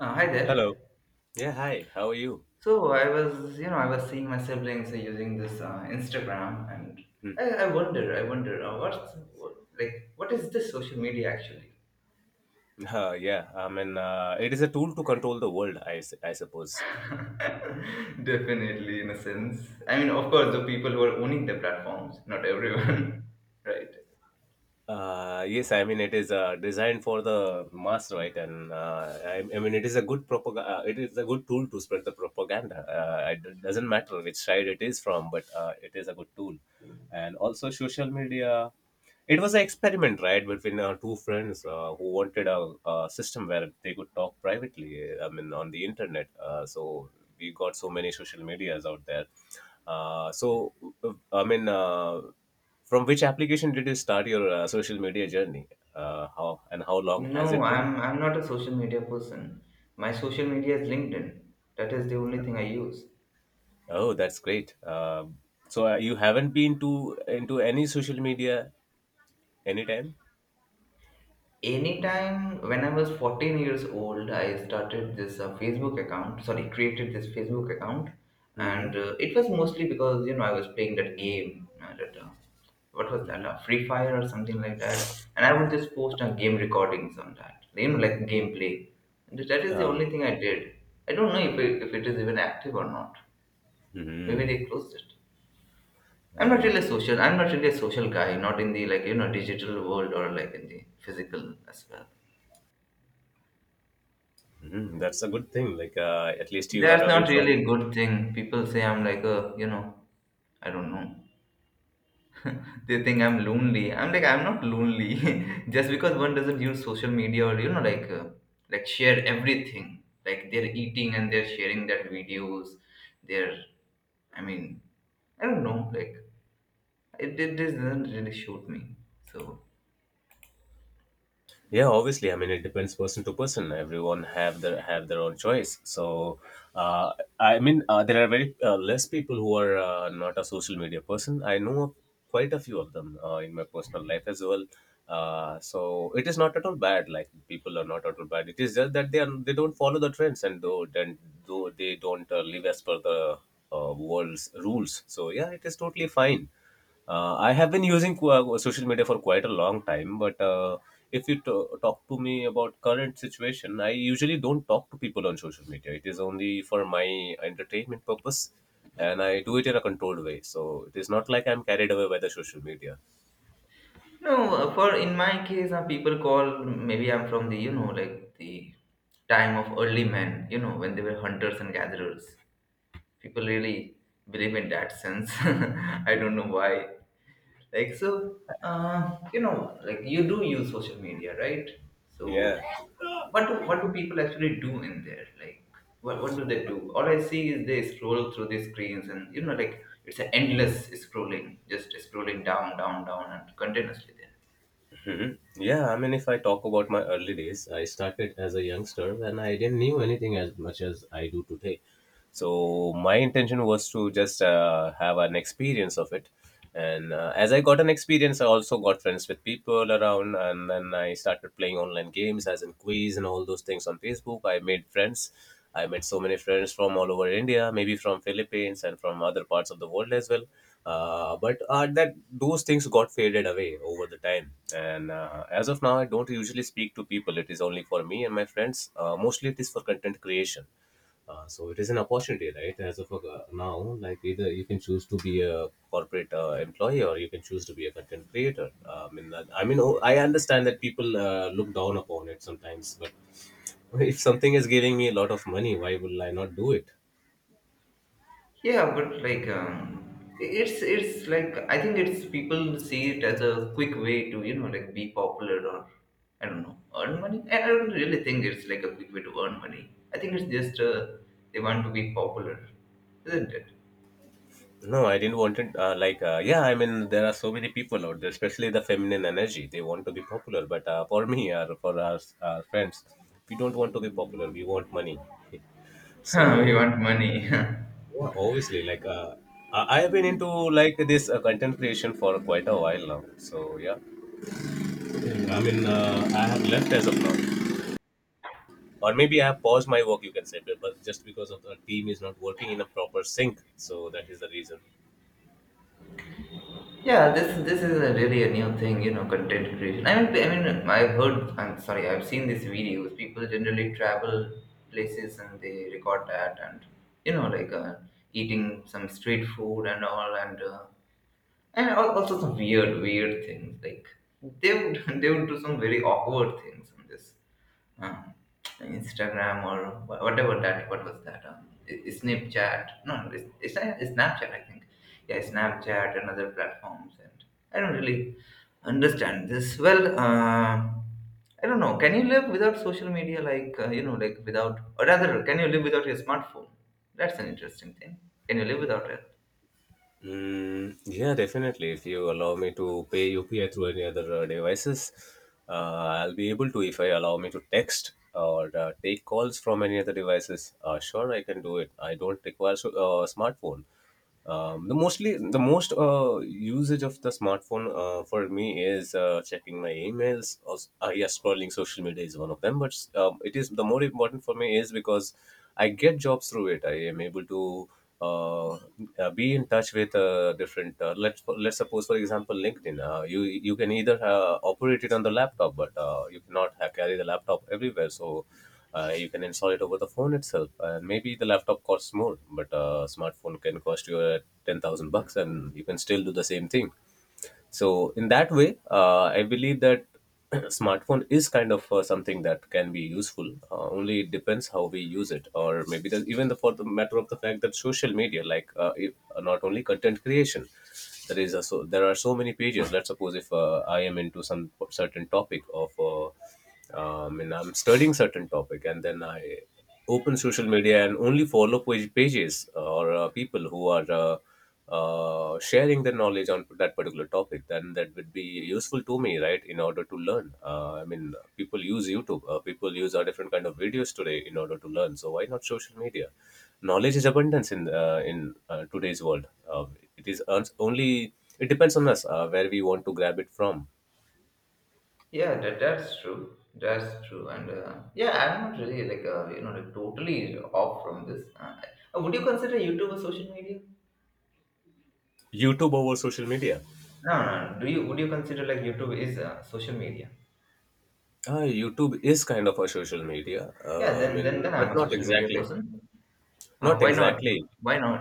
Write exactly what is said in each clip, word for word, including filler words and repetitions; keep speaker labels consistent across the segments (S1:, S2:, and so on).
S1: Uh, hi there.
S2: Hello. Yeah, hi. How are you?
S1: So I was, you know, I was seeing my siblings uh, using this uh, Instagram, and I, I wonder, I wonder, uh, what's what, like, what is this social media actually?
S2: Uh, yeah, I mean, uh, it is a tool to control the world, I, s- I suppose.
S1: Definitely, in a sense. I mean, of course, the people who are owning the platforms, not everyone, right?
S2: Uh, yes, I mean it is uh, designed for the mass, right? And uh, I, I mean it is a good propaganda. It is a good tool to spread the propaganda. Uh, it doesn't matter which side it is from, but uh, it is a good tool. And also social media. It was an experiment, right, between uh, two friends uh, who wanted a, a system where they could talk privately. I mean, on the internet. Uh, so we got so many social medias out there. Uh, so uh, I mean. Uh, from which application did you start your uh, social media journey? Uh, how and how long has
S1: No,
S2: it been?
S1: I'm I'm not a social media person. My social media is LinkedIn. That is the only thing I use.
S2: Oh, that's great. Um so uh, you haven't been to into any social media anytime?
S1: Anytime when I was fourteen years old, I started this uh, Facebook account, sorry, created this Facebook account.
S2: Mm-hmm.
S1: And uh, it was mostly because, you know, I was playing that game, uh, that uh, what was that,
S2: Mm-hmm.
S1: uh, Free Fire or something like that, and I would just post uh, game recordings on that, you know, like gameplay. And that is the
S2: Uh,
S1: only thing I did. I don't know if it, if it is even active or not. Maybe
S2: mm-hmm.
S1: they closed it. I'm not
S2: Oh,
S1: really social. I'm not really a social guy, not in the, like, you know, digital world, or like in the physical as well.
S2: hmm, that's a good thing. Like uh, at least you are
S1: That's
S2: away
S1: not
S2: from,
S1: really a good thing. People say I'm like a, you know, I don't know. They think I'm lonely. I'm like, I'm not lonely. Just because one doesn't use social media, or, you know, like uh, like share everything. Like, they're eating and they're sharing that videos. They're, I mean, I don't know. Like it, it this doesn't really shoot me. So,
S2: yeah. Obviously i mean it depends person to person, everyone have their have their own choice. So uh, I mean, uh, there are very uh, less people who are uh, not a social media person, I know of quite a few of them uh, in my personal life as well. Uh, so it is not at all bad, like people are not at all bad, it is just that they are they don't follow the trends and though then though they don't uh, live as per the uh, world's rules. So yeah, it is totally fine. uh, I have been using qu- uh, social media for quite a long time, but uh, if you t- talk to me about current situation, I usually don't talk to people on social media. It is only for my entertainment purpose, and I do it in a controlled way. So it is not like I'm carried away by the social media.
S1: no, uh, for in my case, uh, people call maybe I'm from the, you know, like, the time of early men. You know, when they were hunters and gatherers, people really believe in that sense. I don't know why. Like, so, uh, you know, like, you do use social media, right?
S2: Yeah.
S1: So, what do, what do people actually do in there? Like, what, what do they do? All I see is they scroll through the screens, and, you know, like, it's an endless
S2: Hmm.
S1: scrolling, just scrolling down, down, down and continuously there.
S2: Hmm, yeah, I mean, if I talk about my early days, I started as a youngster and I didn't knew anything as much as I do today. So my intention was to just uh, have an experience of it. And uh, as I got an experience, I also got friends with people around, and then I started playing online games, as in quiz and all those things on Facebook. I made friends. I met so many friends from all over India, maybe from Philippines and from other parts of the world as well. Uh, but uh, that those things got faded away over the time. And uh, as of now, I don't usually speak to people, it is only for me and my friends. Uh, mostly it is for content creation. Uh, so it is an opportunity, right, as of uh, now. Like, either you can choose to be a corporate uh, employee or you can choose to be a content creator. Uh, i mean that- i mean oh, I understand that people uh, look down upon it sometimes, but if something is giving me a lot of money, why will I not do it?
S1: Yeah, but like, um, it's it's like, I think it's people see it as a quick way to, you know, like, be popular, or, I don't know, earn money. I I don't really think it's like a quick way to earn money. I think it's just, uh, they want to be popular, isn't it?
S2: No, I didn't want it. Uh, like, uh, yeah, I mean, there are so many people out there, especially the feminine energy. They want to be popular, but uh, for me or for our, our friends, we don't want to be popular. We want money.
S1: We
S2: So
S1: want money.
S2: yeah, obviously, like, uh, I I have been into like this uh, content creation for quite a while now. So yeah, I mean, uh, I have left as of now, or maybe I have paused my work, you can say, but but just because of the team is not working in a proper sync, so that is the reason.
S1: Yeah, this this is a really a new thing, you know, content creation. I mean, I mean, I've heard. I'm sorry, I've seen these videos. People generally travel places and they record that, and, you know, like, uh, eating some street food and all, and, uh, and al- also some weird, weird things. Like they would they would do some very awkward things on this uh, Instagram or wha- whatever that. What was that? Um, i- i- Snapchat? No, it's, it's not- it's Snapchat. I think. Yeah, Snapchat and other platforms. And I don't really understand this. Well, uh, I don't know. Can you live without social media? Like, uh, you know, like, without, or rather, can you live without your smartphone? That's an interesting thing. Can you live without it?
S2: Mm, yeah, definitely. If you allow me to pay U P I through any other uh, devices, uh, I'll be able to. If I allow me to text or uh, take calls from any other devices, uh, sure, I can do it. I don't require so- uh, smartphone. Um, the mostly the most uh, usage of the smartphone uh, for me is uh, checking my emails. Also, uh, yeah, scrolling social media is one of them. But um, it is the more important for me is because I get jobs through it. I am able to uh, uh, be in touch with uh, different uh, let's let's suppose, for example, LinkedIn. Uh, you you can either uh, operate it on the laptop, but uh, you cannot ha carry the laptop everywhere. So uh, you can install it over the phone itself, and maybe the laptop costs more, but uh, smartphone can cost you uh, ten thousand bucks and you can still do the same thing. So in that way, uh, I believe that smartphone is kind of uh, something that can be useful. Uh, only it depends how we use it. Or maybe the, even the, for the matter of the fact that social media, like uh, if, uh, not only content creation, there is a, so there are so many pages. Let's suppose if uh, I am into some certain topic of. Uh, um, and I'm studying certain topic, and then I open social media and only follow page pages uh, or uh, people who are uh, uh, sharing their knowledge on that particular topic. Then that would be useful to me, right? In order to learn. Uh, I mean, people use YouTube. Uh, people use a different kind of videos today in order to learn. So why not social media? Knowledge is abundance in uh, in uh, today's world. Uh, it is uns- only. It depends on us uh, where we want to grab it from.
S1: Yeah, that, that's true. That's true. And, uh, yeah, I'm not really, like, uh, you know, like totally off from this. Uh, uh, would you consider YouTube a social media?
S2: YouTube over social media.
S1: No, no, no. Do you would you consider, like, YouTube is, uh, social media?
S2: Uh, YouTube is kind of a social media.
S1: Yeah,
S2: Uh, I
S1: then
S2: mean,
S1: then then
S2: but
S1: I'm a
S2: not
S1: social media
S2: exactly.
S1: person. Uh,
S2: Not
S1: why not?
S2: exactly.
S1: Why not?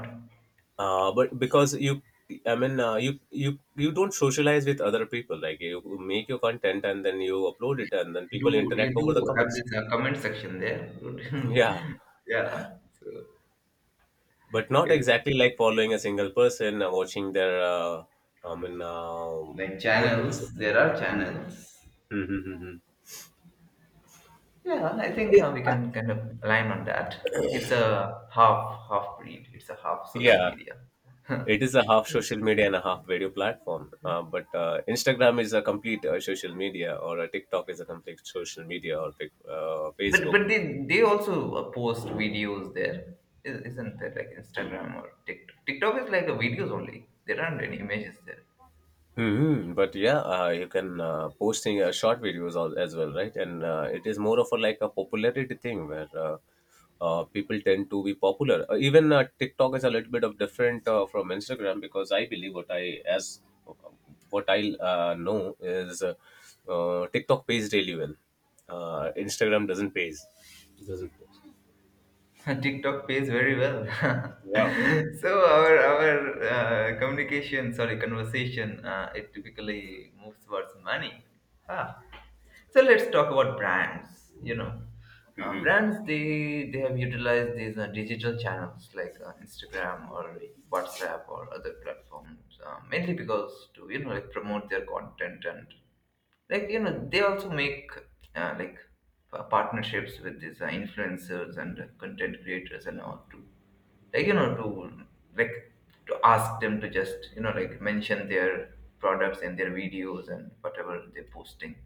S2: Uh, but because you, I mean, uh, you you you don't socialize with other people. Like you make your content and then you upload it, and then people
S1: You do
S2: interact
S1: you
S2: over the
S1: do have
S2: comments.
S1: this, uh, comment section there?
S2: Yeah,
S1: Yeah. So
S2: but not
S1: it's
S2: exactly like following a single person, uh, watching their. Uh, I mean, uh,
S1: like
S2: what do we say?
S1: channels. There are channels.
S2: Mm-hmm.
S1: Yeah, I think,
S2: It,
S1: uh, we can kind of align on that. It's a half half breed. It's a half social
S2: yeah.
S1: media.
S2: It is a half social media and a half video platform. Uh, but uh, Instagram is a complete uh, social media, or a TikTok is a complete social media, or pic- uh,
S1: But
S2: Facebook.
S1: but they they also, uh, post videos there, I- isn't there? Like Instagram or TikTok. TikTok is like a videos only. There aren't any images there.
S2: Hmm, but yeah, uh, you can uh, posting uh, short videos al- as well, right? And uh, it is more of a like a popularity thing where uh, uh, people tend to be popular. Uh, even uh, TikTok is a little bit of different uh, from Instagram, because I believe, what I as uh, what I uh, know is, uh, uh, TikTok pays really well. Uh, Instagram doesn't pays. Doesn't work.
S1: TikTok pays very well.
S2: Yeah,
S1: So our our uh, communication, sorry, conversation, uh, it typically moves towards money. Ah. So let's talk about brands. You know, uh, brands, they they have utilized these uh, digital channels like uh, Instagram or WhatsApp or other platforms, uh, mainly because to, you know, like, promote their content, and, like, you know, they also make uh, like pa- partnerships with these uh, influencers and uh, content creators and all to, like, you know, to, like, to ask them to just, you know, like, mention their products in their videos and whatever they're posting.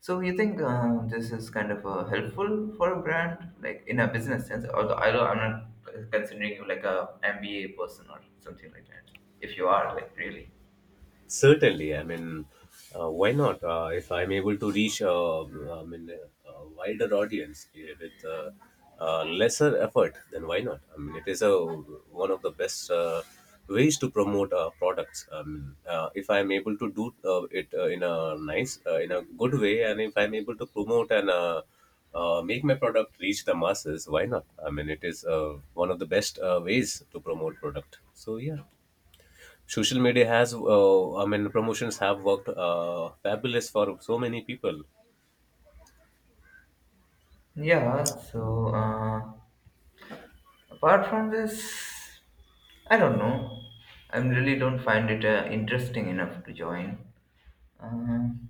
S1: So you think, uh, this is kind of uh, helpful for a brand, like, in a business sense, although i don't i'm not considering you like a M B A person or something like that, if you are like really,
S2: certainly, I mean, uh, why not? Uh, if I'm able to reach, uh, uh, I mean, uh, a wider audience eh, with uh, uh, lesser effort, then why not? I mean, it is a one of the best uh, ways to promote uh, products. Um, uh, if I'm able to do uh, it uh, in a nice, uh, in a good way, and if I'm able to promote, and uh, uh, make my product reach the masses, why not? I mean, it is uh, one of the best uh, ways to promote product. So yeah, social media has uh, I mean, promotions have worked uh, fabulous for so many people.
S1: yeah, so, uh, apart from this, I don't know. I really don't find it uh, interesting enough to join. Um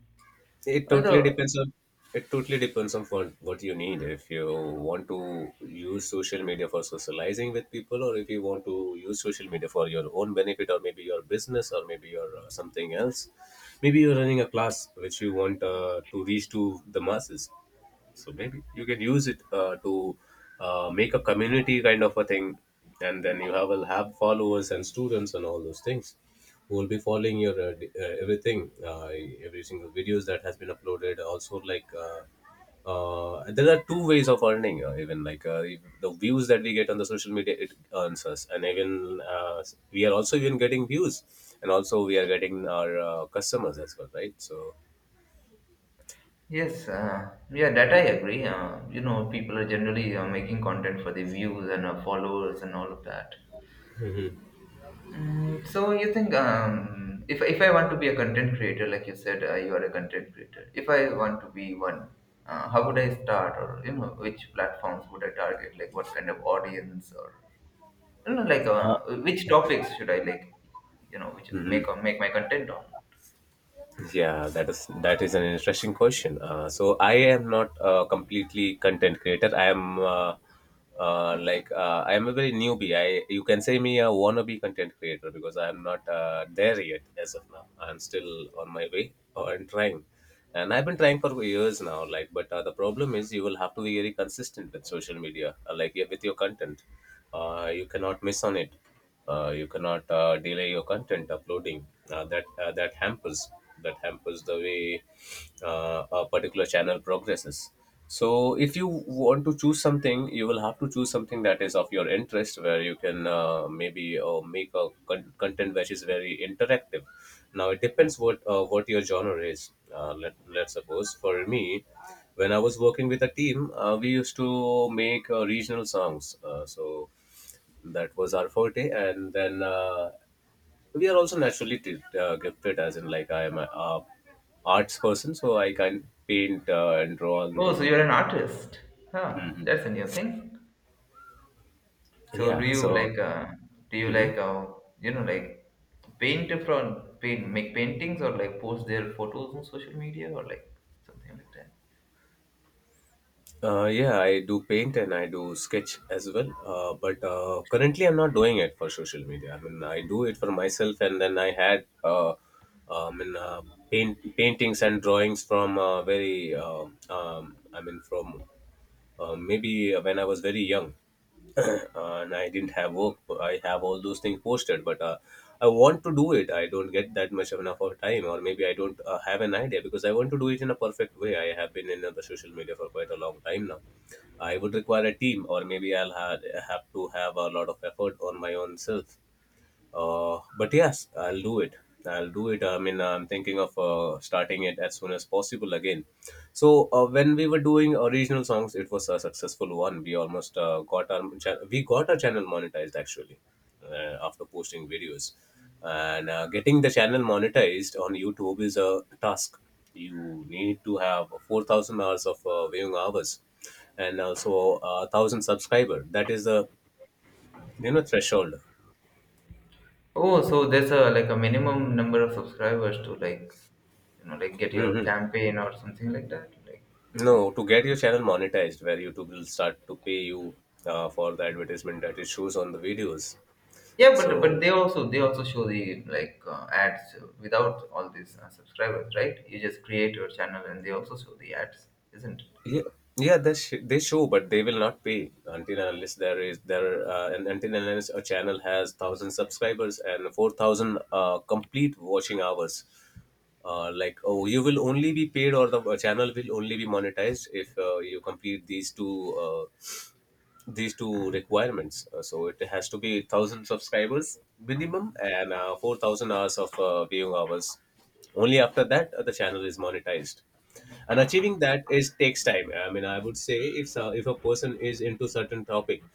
S2: It totally
S1: Although,
S2: depends on, it totally depends on what, what you need. If you want to use social media for socializing with people, or if you want to use social media for your own benefit, or maybe your business, or maybe your uh, something else. Maybe you're running a class which you want uh, to reach to the masses. So maybe you can use it uh, to uh, make a community kind of a thing, and then you have will have followers and students and all those things who will be following your uh, d- uh, everything, uh, every single videos that has been uploaded. Also, like uh, uh, there are two ways of earning. Uh, even like uh, if the views that we get on the social media, it earns us, and even uh, we are also even getting views, and also we are getting our uh, customers as well, right? So.
S1: yes, uh, yeah, that I agree. Uh, you know, people are generally uh, making content for the views and uh, followers and all of that. Mm, so you think, um, if if I want to be a content creator, like you said, uh, you are a content creator. If I want to be one, uh, how would I start, or, you know, which platforms would I target? Like, what kind of audience, or no, no, like,
S2: Uh,
S1: uh, which topics should I like, you know, which make
S2: mhm.
S1: uh, make my content on?
S2: Yeah, that is, that is an interesting question. Uh, so I am not a completely content creator. I am uh, uh, like uh, I am a very newbie. I, you can say me, a wannabe content creator, because I am not uh, there yet as of now. I am still on my way and trying, and I've been trying for years now. Like, but uh, the problem is you will have to be very consistent with social media, uh, like yeah, with your content. Uh, you cannot miss on it. Uh, you cannot uh, delay your content uploading, uh, that uh, that hampers that hampers the way uh, a particular channel progresses. So if you want to choose something, you will have to choose something that is of your interest, where you can uh, maybe uh, make a con- content which is very interactive. Now it depends what uh, what your genre is. Uh, let, let's suppose for me, when I was working with a team, uh, we used to make uh, regional songs, uh, so that was our forte. And then, uh, we are also naturally t- uh, gifted, as in, like, I am a, uh, arts person, so I can paint uh, and draw and
S1: Oh,
S2: do,
S1: so you're
S2: do.
S1: an artist? Huh,
S2: Mhm.
S1: that's a new thing. So
S2: Yeah,
S1: do you
S2: so
S1: like uh, do you
S2: mhm.
S1: like uh, you know, like, paint from paint make paintings, or like post their photos on social media or like something like that?
S2: Uh, yeah, I do paint and I do sketch as well, uh, but uh, currently I'm not doing it for social media. I mean, I do it for myself. And then I had, uh, I mean, uh, paint, paintings and drawings from uh, very, uh, um, I mean, from, Uh, maybe when I was very young and I didn't have work, but I have all those things posted. But uh, I want to do it. I don't get that much of enough of time, or maybe I don't uh, have an idea, because I want to do it in a perfect way. I have been in, uh, the social media for quite a long time now. I would require a team, or maybe I'll ha- have to have a lot of effort on my own self. Uh, but yes, I'll do it. I'll do it. I mean, I'm thinking of uh, starting it as soon as possible again. So uh, when we were doing original songs, it was a successful one. We almost uh, got our cha- we got our channel monetized, actually, uh, after posting videos, and uh, getting the channel monetized on YouTube is a task. You need to have four thousand hours of uh, viewing hours, and also a thousand subscriber. That is the you know threshold.
S1: Oh, so there's a, like, a minimum number of subscribers to, like, you know, like, get your campaign or something like that. Like,
S2: No, to get your channel monetized, where YouTube will start to pay you uh, for the advertisement that it shows on the videos.
S1: yeah, but
S2: So
S1: but they also they also show the, like, uh, ads without all these uh, subscribers, right? You just create your channel and they also show the ads, isn't it?
S2: yeah, yeah, they sh- they show, but they will not pay until and unless there is there uh, and until and unless a channel has thousand subscribers and four thousand uh, complete watching hours. Uh, like oh, you will only be paid, or the uh, channel will only be monetized if uh, you complete these two, uh, these two requirements. Uh, so it has to be thousand subscribers minimum, and uh, four thousand hours of uh, viewing hours. Only after that uh, the channel is monetized. And achieving that is takes time. I mean, I would say if uh, if a person is into certain topic,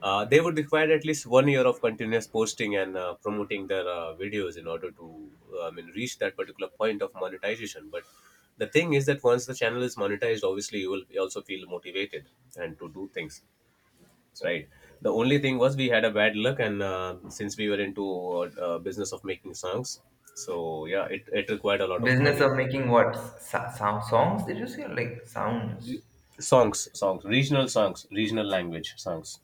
S2: uh, they would require at least one year of continuous posting and uh, promoting their uh, videos in order to, uh, I mean, reach that particular point of monetization. But the thing is that once the channel is monetized, obviously you will also feel motivated and to do things right. The only thing was we had a bad luck, and uh, since we were into uh, uh, business of making songs, so yeah it, it required a lot of
S1: Business
S2: money.
S1: of making what, so- so- songs? Did you say like sounds?
S2: Songs songs regional songs, regional language songs,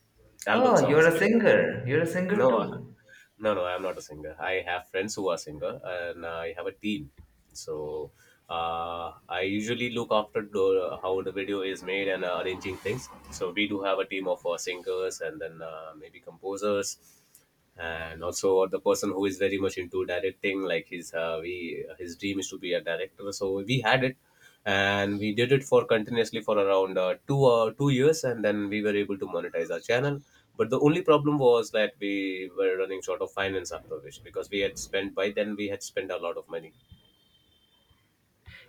S2: album
S1: Oh, you're
S2: songs.
S1: a singer. You're a singer
S2: No, uh,
S1: too.
S2: no no, I'm not a singer. I have friends who are singer, and I have a team. So uh, I usually look after the, how the video is made and uh, arranging things. So we do have a team of uh, singers, and then uh, maybe composers, and also the person who is very much into directing, like his uh, we his dream is to be a director. So we had it, and we did it for continuously for around uh, two uh, two years, and then we were able to monetize our channel. But the only problem was that we were running short of finance, after which, because we had spent, by then we had spent a lot of money.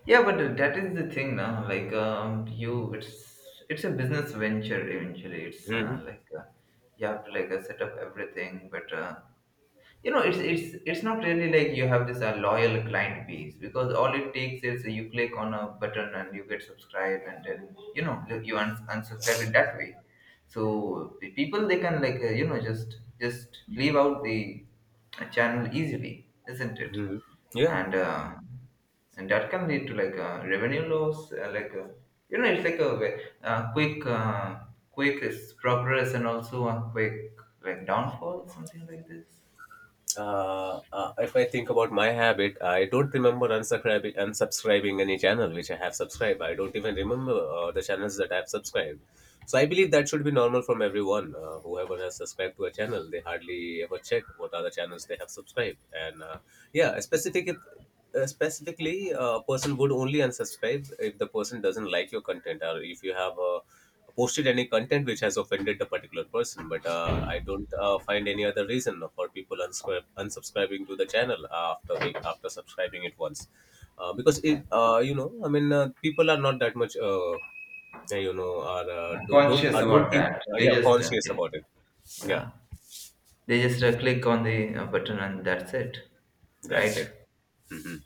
S1: Yeah, but that is the thing now. Like, um, you, it's it's a business venture eventually. It's,
S2: Mhm.
S1: uh, like, uh, you have to, like, uh, set up everything, but. Uh, you know, it's it's it's not really like you have this uh, loyal client base, because all it takes is you click on a button and you get subscribed, and then, you know, like, you uns- unsubscribe it that way. So the people, they can, like, uh, you know, just just leave out the channel easily, isn't it?
S2: Mhm. Yeah.
S1: And uh, and that can lead to, like, a revenue loss, uh, like a, you know, it's like a, ve- uh quick uh, quick is progress, and also a quick, like, downfall, something like this.
S2: Uh, uh, if I think about my habit, I don't remember unsubscribing unsubscribing any channel which I have subscribed. I don't even remember uh, the channels that I have subscribed. So I believe that should be normal from everyone. Uh, whoever has subscribed to a channel, they hardly ever check what are the channels they have subscribed. And uh, yeah, specific, uh, specifically, uh, a person would only unsubscribe if the person doesn't like your content, or if you have a posted any content which has offended the particular person. But uh, I don't uh, find any other reason for people unscrib- unsubscribing to the channel after they, after subscribing it once. Uh, because it, uh, you know i mean uh, people are not that much, uh, you know are uh,
S1: Uh,
S2: don't don't,
S1: conscious
S2: uh, don't
S1: about
S2: keep
S1: that.
S2: uh,
S1: They
S2: yeah
S1: just, uh,
S2: conscious
S1: yeah.
S2: about it. Yeah,
S1: Yeah, they just, uh, click on the, uh, button, and that's it,
S2: that's
S1: right?
S2: it. Hmm.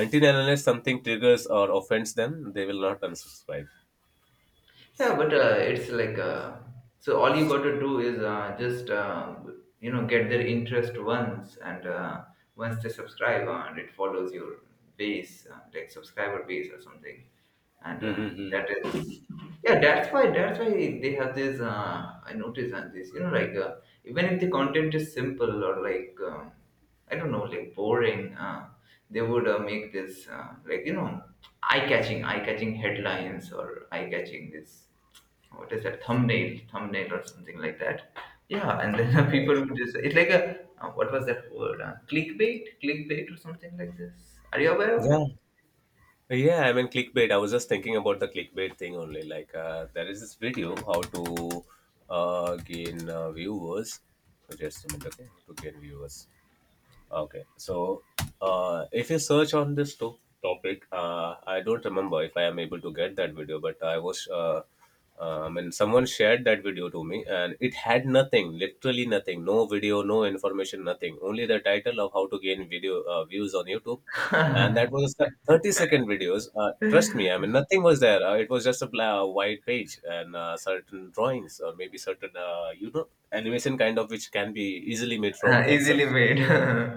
S2: Until and unless something triggers or offends them, they will not unsubscribe.
S1: Yeah, but, uh, it's like, uh, so all you got to do is, uh, just, uh, you know, get their interest once, and, uh, once they subscribe, uh, and it follows your base, uh, like, subscriber base or something, and, uh, that
S2: Mm-hmm.
S1: is, yeah, that's why that's why they have this. Uh, I notice on this, you know, like, uh, even if the content is simple or, like, um, I don't know, like, boring. Uh, they would, uh, make this, uh, like, you know, eye-catching eye-catching headlines, or eye-catching this, what is that, thumbnail thumbnail or something like that. Yeah, and then people would just, it's like a, uh, what was that word, uh, clickbait clickbait, or something like this. Are you aware of
S2: Yeah.
S1: it?
S2: Yeah, I mean, clickbait. I was just thinking about the clickbait thing only. Like, uh, there is this video, how to uh, gain uh, viewers. So just a minute, okay? How to gain viewers. Okay, so uh, if you search on this to- topic, uh, I don't remember if I am able to get that video, but I was, uh, uh, I mean, someone shared that video to me, and it had nothing, literally nothing, no video, no information, nothing, only the title of how to gain video uh, views on YouTube. And that was the thirty second videos. Uh, trust me, I mean, nothing was there. Uh, it was just a bla- white page, and uh, certain drawings, or maybe certain, uh, you know, animation kind of, which can be easily made from
S1: Uh,
S2: Excel.
S1: easily made.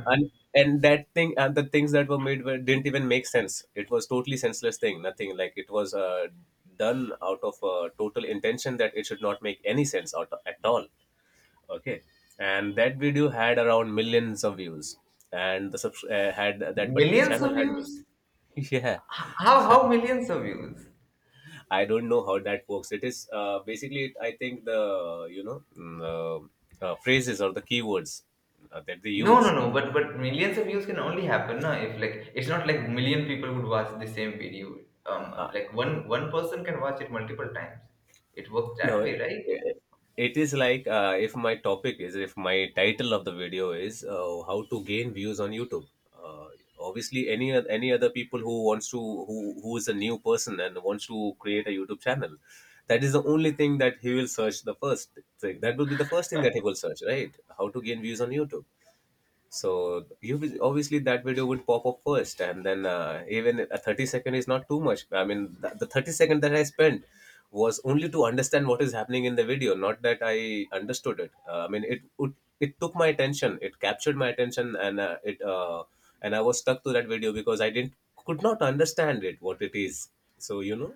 S2: And and that thing, and the things that were made were, didn't even make sense. It was totally senseless thing. Nothing, like, it was uh, done out of a total intention that it should not make any sense out at all. Okay. And that video had around millions of views, and the subs- uh, had that particular
S1: Millions of
S2: channel had
S1: views.
S2: yeah.
S1: H- how how millions of views?
S2: I don't know how that works. It is, uh, basically it, I think the you know mm, uh, uh, phrases or the keywords uh, that they
S1: No, no,
S2: use.
S1: no. But but millions of views can only happen, na? If, like, it's not like million people would watch the same video. Um,
S2: uh,
S1: like, one one person can watch it multiple times. It works
S2: No,
S1: that way,
S2: it,
S1: right?
S2: it it is like, uh, if my topic is, if my title of the video is, uh, how to gain views on YouTube. Uh, Obviously, any oth- any other people who wants to, who who is a new person and wants to create a YouTube channel, that is the only thing that he will search the first thing. That will be the first thing that he will search, right? How to gain views on YouTube. So you will, obviously that video would pop up first. And then uh, even a thirty second is not too much. I mean, th- the thirty second that I spent was only to understand what is happening in the video, not that I understood it. uh, I mean, it would, it took my attention, it captured my attention. And uh, it uh, and I was stuck to that video, because I didn't, could not understand it, what it is. So you know,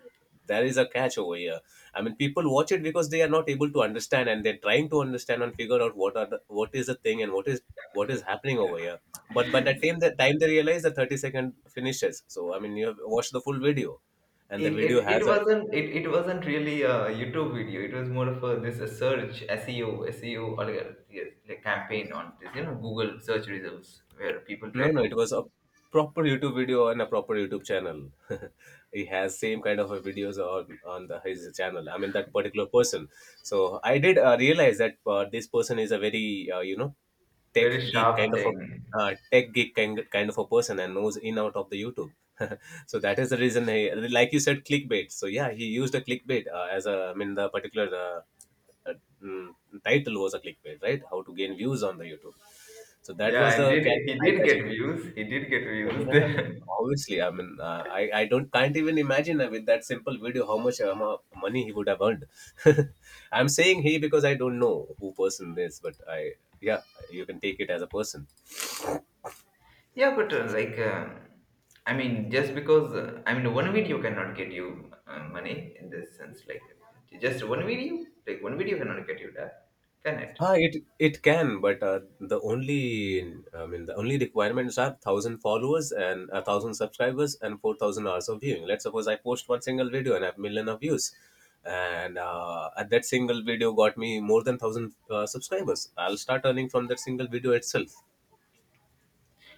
S2: there is a catch over here. I mean, people watch it because they are not able to understand, and they're trying to understand and figure out what are the, what is the thing, and what is, what is happening over here. But by the time the time they realize, the thirty second finishes. So I mean, you have watched the full video, and the
S1: It
S2: video
S1: it it
S2: has a,
S1: wasn't it, it wasn't really a YouTube video. It was more of a, this, a search S E O, S E O, or, like, a- yes, like campaign on this, you know, Google search results, where people
S2: No,
S1: try
S2: no, it
S1: to
S2: was a proper YouTube video on a proper YouTube channel. He has same kind of a videos on on the, his channel. I mean, that particular person. So I did uh, realize that uh, this person is a very, uh, you know tech
S1: very
S2: geek kind
S1: sharp
S2: of a,
S1: thing.
S2: uh, tech geek kind kind of a person, and knows in out of the YouTube. So that is the reason he, like you said, clickbait. So yeah, he used a clickbait uh, as a, I mean the particular uh, uh, mm, title was a clickbait, right? How to gain views on the YouTube. So that
S1: Yeah,
S2: was
S1: and
S2: the
S1: did he did
S2: eye-catching
S1: get
S2: thing.
S1: views? He did get
S2: Yeah,
S1: views.
S2: obviously. I mean, uh, I I don't can't even imagine uh, with that simple video how much amou- money he would have earned. I'm saying he, because I don't know who person this, but I, yeah, you can take it as a person.
S1: Yeah, but, uh, like, uh, I mean, just because, uh, I mean, one video cannot get you uh, money in this sense. Like, just one video, like one video cannot get you that, can it?
S2: Ah, it it can, but uh, the only I mean, the only requirements are thousand followers and a thousand subscribers and four thousand hours of viewing. Let's suppose I post one single video and I have million of views, and uh, and that single video got me more than thousand uh, subscribers. I'll start earning from that single video itself.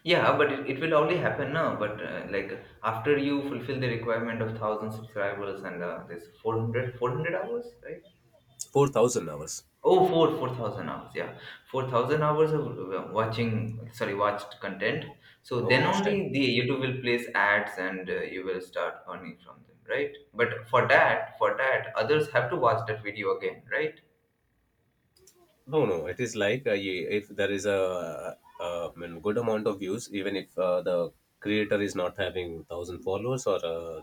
S1: Yeah, but it, it will only happen now. But, uh, like, after you fulfill the requirement of thousand subscribers and uh, this four hundred, four hundred hours, right?
S2: Four thousand hours
S1: Oh, four four thousand hours. Yeah, four thousand hours of uh, watching. Sorry, watched content. So
S2: of
S1: then
S2: watch time.
S1: only the YouTube will place ads, and, uh, you will start earning from them, right? But for that, for that, others have to watch that video again, right?
S2: No, no. It is like uh, ye- if there is a, uh uh, I mean, good amount of views, even if uh, the creator is not having thousand followers or uh,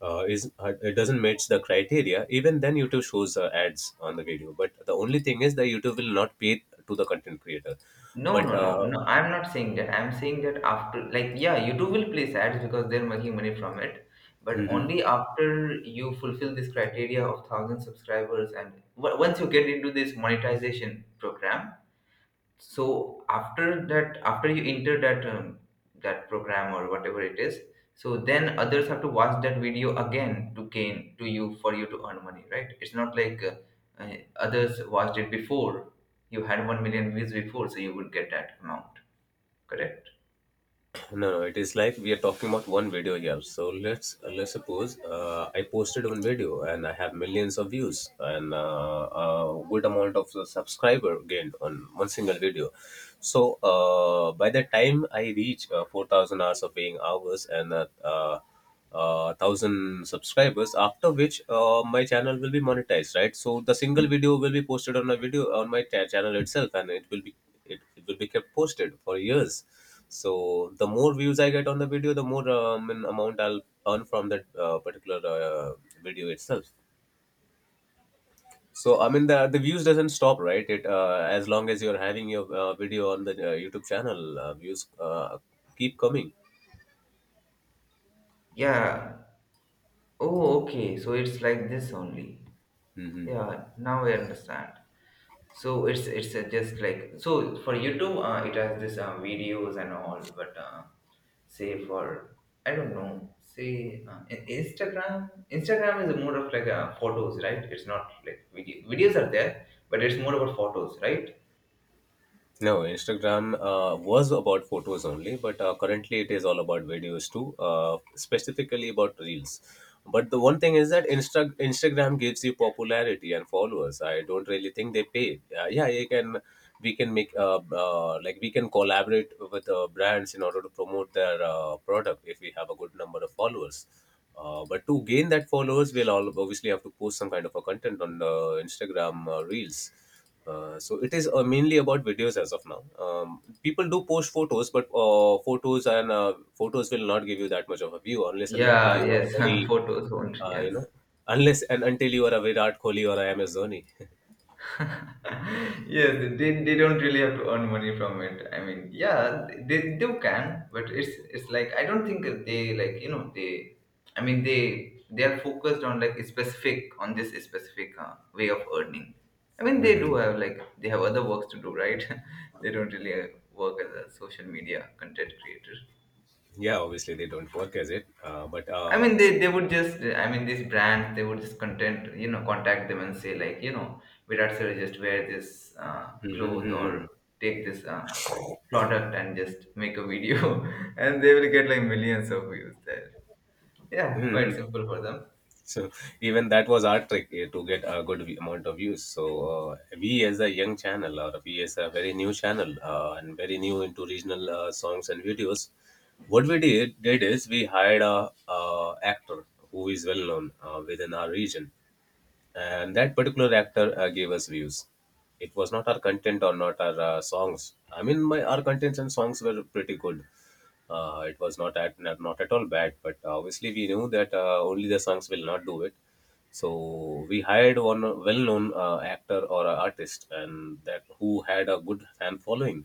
S2: uh, is uh, it doesn't match the criteria, even then YouTube shows uh, ads on the video. But the only thing is that YouTube will not pay to the content creator.
S1: No,
S2: But
S1: no, no,
S2: uh,
S1: no. I'm not saying that. I'm saying that after, like, yeah, YouTube will place ads because they're making money from it, but
S2: mhm.
S1: only after you fulfill this criteria of thousand subscribers and w- once you get into this monetization program, so after that, after you enter that um, that program or whatever it is, so then others have to watch that video again to gain to you for you to earn money, right? It's not like uh, uh, others watched it before, you had one million views before, so you would get that amount, correct?
S2: No, no, it is like we are talking about one video here. So let's uh, let's suppose uh, I posted one video and I have millions of views, and uh, a good amount of subscriber gained on one single video. So uh, by the time I reach uh, four thousand hours of paying hours and uh, uh, uh, thousand subscribers, after which uh, my channel will be monetized, right? So the single video will be posted on my video on my cha- channel itself, and it will be, it, it will be kept posted for years. So the more views I get on the video, the more um, an amount I'll earn from that uh, particular uh, video itself. So I mean, the the views doesn't stop, right? It uh, as long as you're having your uh, video on the uh, YouTube channel, uh, views uh, keep coming.
S1: Yeah. Oh, okay, so it's like this only.
S2: Hmm.
S1: Yeah, now I understand. So it's it's uh, just like, so for YouTube, uh, it has this uh, videos and all, but uh, say for, I don't know, say uh, in- Instagram. Instagram is more of like uh, photos, right? It's not like video. Videos are there, but it's more about photos, right?
S2: No, Instagram uh, was about photos only, but uh, currently it is all about videos too, uh, specifically about reels. But the one thing is that Insta- Instagram gives you popularity and followers. I don't really think they pay. Uh, yeah, you can we can make uh, uh, like we can collaborate with uh, brands in order to promote their uh, product if we have a good number of followers. Uh, but to gain that followers, we'll all obviously have to post some kind of a content on uh, Instagram uh, reels. Uh, so it is uh, mainly about videos as of now. Um, people do post photos, but uh, photos, and uh, photos will not give you that much of a view unless and until
S1: Yeah,
S2: you are a
S1: yes,
S2: very,
S1: photos. Only,
S2: uh, you
S1: yes.
S2: know, unless and until you are a Virat Kohli or a M S Dhoni.
S1: Yes, they, they don't really have to earn money from it. I mean, yeah, they they can, but it's it's like I don't think they, like, you know, they, I mean they they are focused on like specific, on this specific uh, way of earning. I mean, they do have like they have other works to do, right? they don't really uh, work as a social media content creator.
S2: Yeah, obviously they don't work as it, uh, but
S1: I
S2: uh,
S1: mean,
S2: s-
S1: they, they would just, I mean, these brands, they would just content, you know, contact them and say, like, you know, Virat Sir, just wear this uh,
S2: Mhm,
S1: cloth
S2: mhm,
S1: or take this uh, product and just make a video. And they will get like millions of views there. Yeah,
S2: mhm.
S1: quite
S2: Mhm.
S1: simple for them.
S2: So even that was our trick, eh, to get a good vi- amount of views. So uh, we as a young channel or we as a very new channel uh, and very new into regional uh, songs and videos, what we did, did is we hired a, uh, actor who is well known uh, within our region, and that particular actor uh, gave us views. It was not our content or not our uh, songs. I mean, my, our contents and songs were pretty good. Uh, it was not at, not, not at all bad, but obviously we knew that uh, only the songs will not do it. So we hired one well-known uh, actor or a artist, and that, who had a good fan following.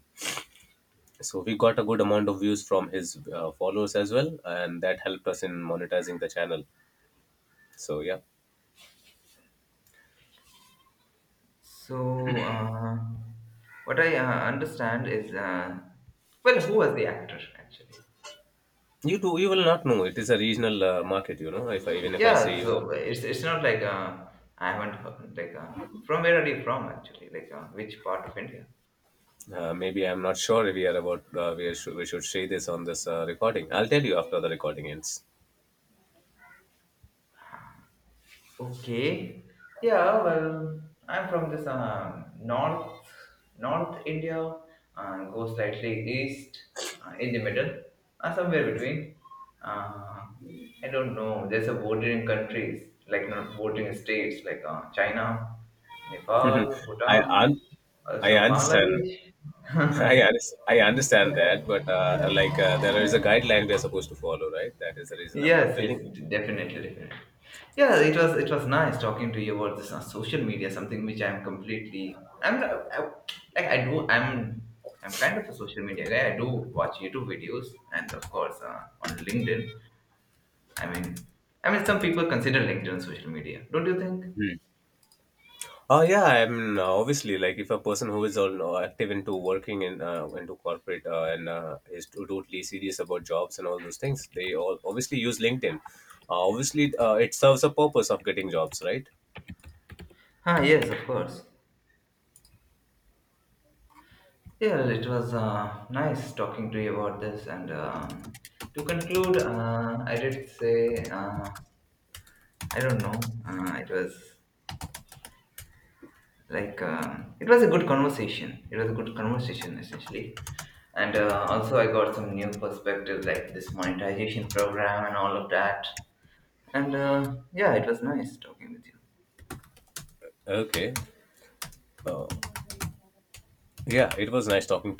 S2: So we got a good amount of views from his uh, followers as well, and that helped us in monetizing the channel. So yeah.
S1: So, uh, what I uh, understand is, uh, well, who was the actor actually?
S2: You too. You will not know. It is a regional uh, market. You know, if I, even if I say
S1: Yeah,
S2: you,
S1: so it's it's not like uh, I haven't heard, like, uh, from where are you from actually? Like, uh, which part of India?
S2: uh, maybe I'm not sure if we are about, uh, we, should, we should say this on this uh, recording. I'll tell you after the recording ends.
S1: Okay. Yeah, well, I'm from this um, north North India, and go slightly east, uh, in the middle, uh, somewhere between. Uh, I don't know. There's a bordering countries, like, not bordering states, like, uh, China, Nepal,
S2: I
S1: Bhutan,
S2: un- I
S1: also
S2: understand.
S1: Bangladesh.
S2: I, under- I understand that, but uh, like uh, there is a guideline we are supposed to follow, right? That is the reason I'm not
S1: Yes, yes,
S2: telling
S1: definitely, definitely. Yeah, it was, it was nice talking to you about this, on social media, something which I'm completely I'm not- I, like, I do, i'm I'm kind of a social media guy. I do watch YouTube videos, and of course, uh, on LinkedIn. I mean i mean some people consider LinkedIn social media, don't you think?
S2: you. Oh yeah, I mean, uh, obviously, like if a person who is all uh, active into working and uh, into corporate uh, and uh, is to- totally serious about jobs and all those things, they all obviously use LinkedIn. Uh, obviously, uh, it serves a purpose of getting jobs, right?
S1: Ah, yes, of course. Yeah, it was uh, nice talking to you about this, and um, to conclude, uh, I did say, uh, I don't know, uh, it was, like, um, it was a good conversation it was a good conversation, essentially. And uh, also, I got some new perspective, like this monetization program and all of that. And uh, yeah, it was nice talking with you.
S2: Okay. Uh, yeah, it was nice talking to.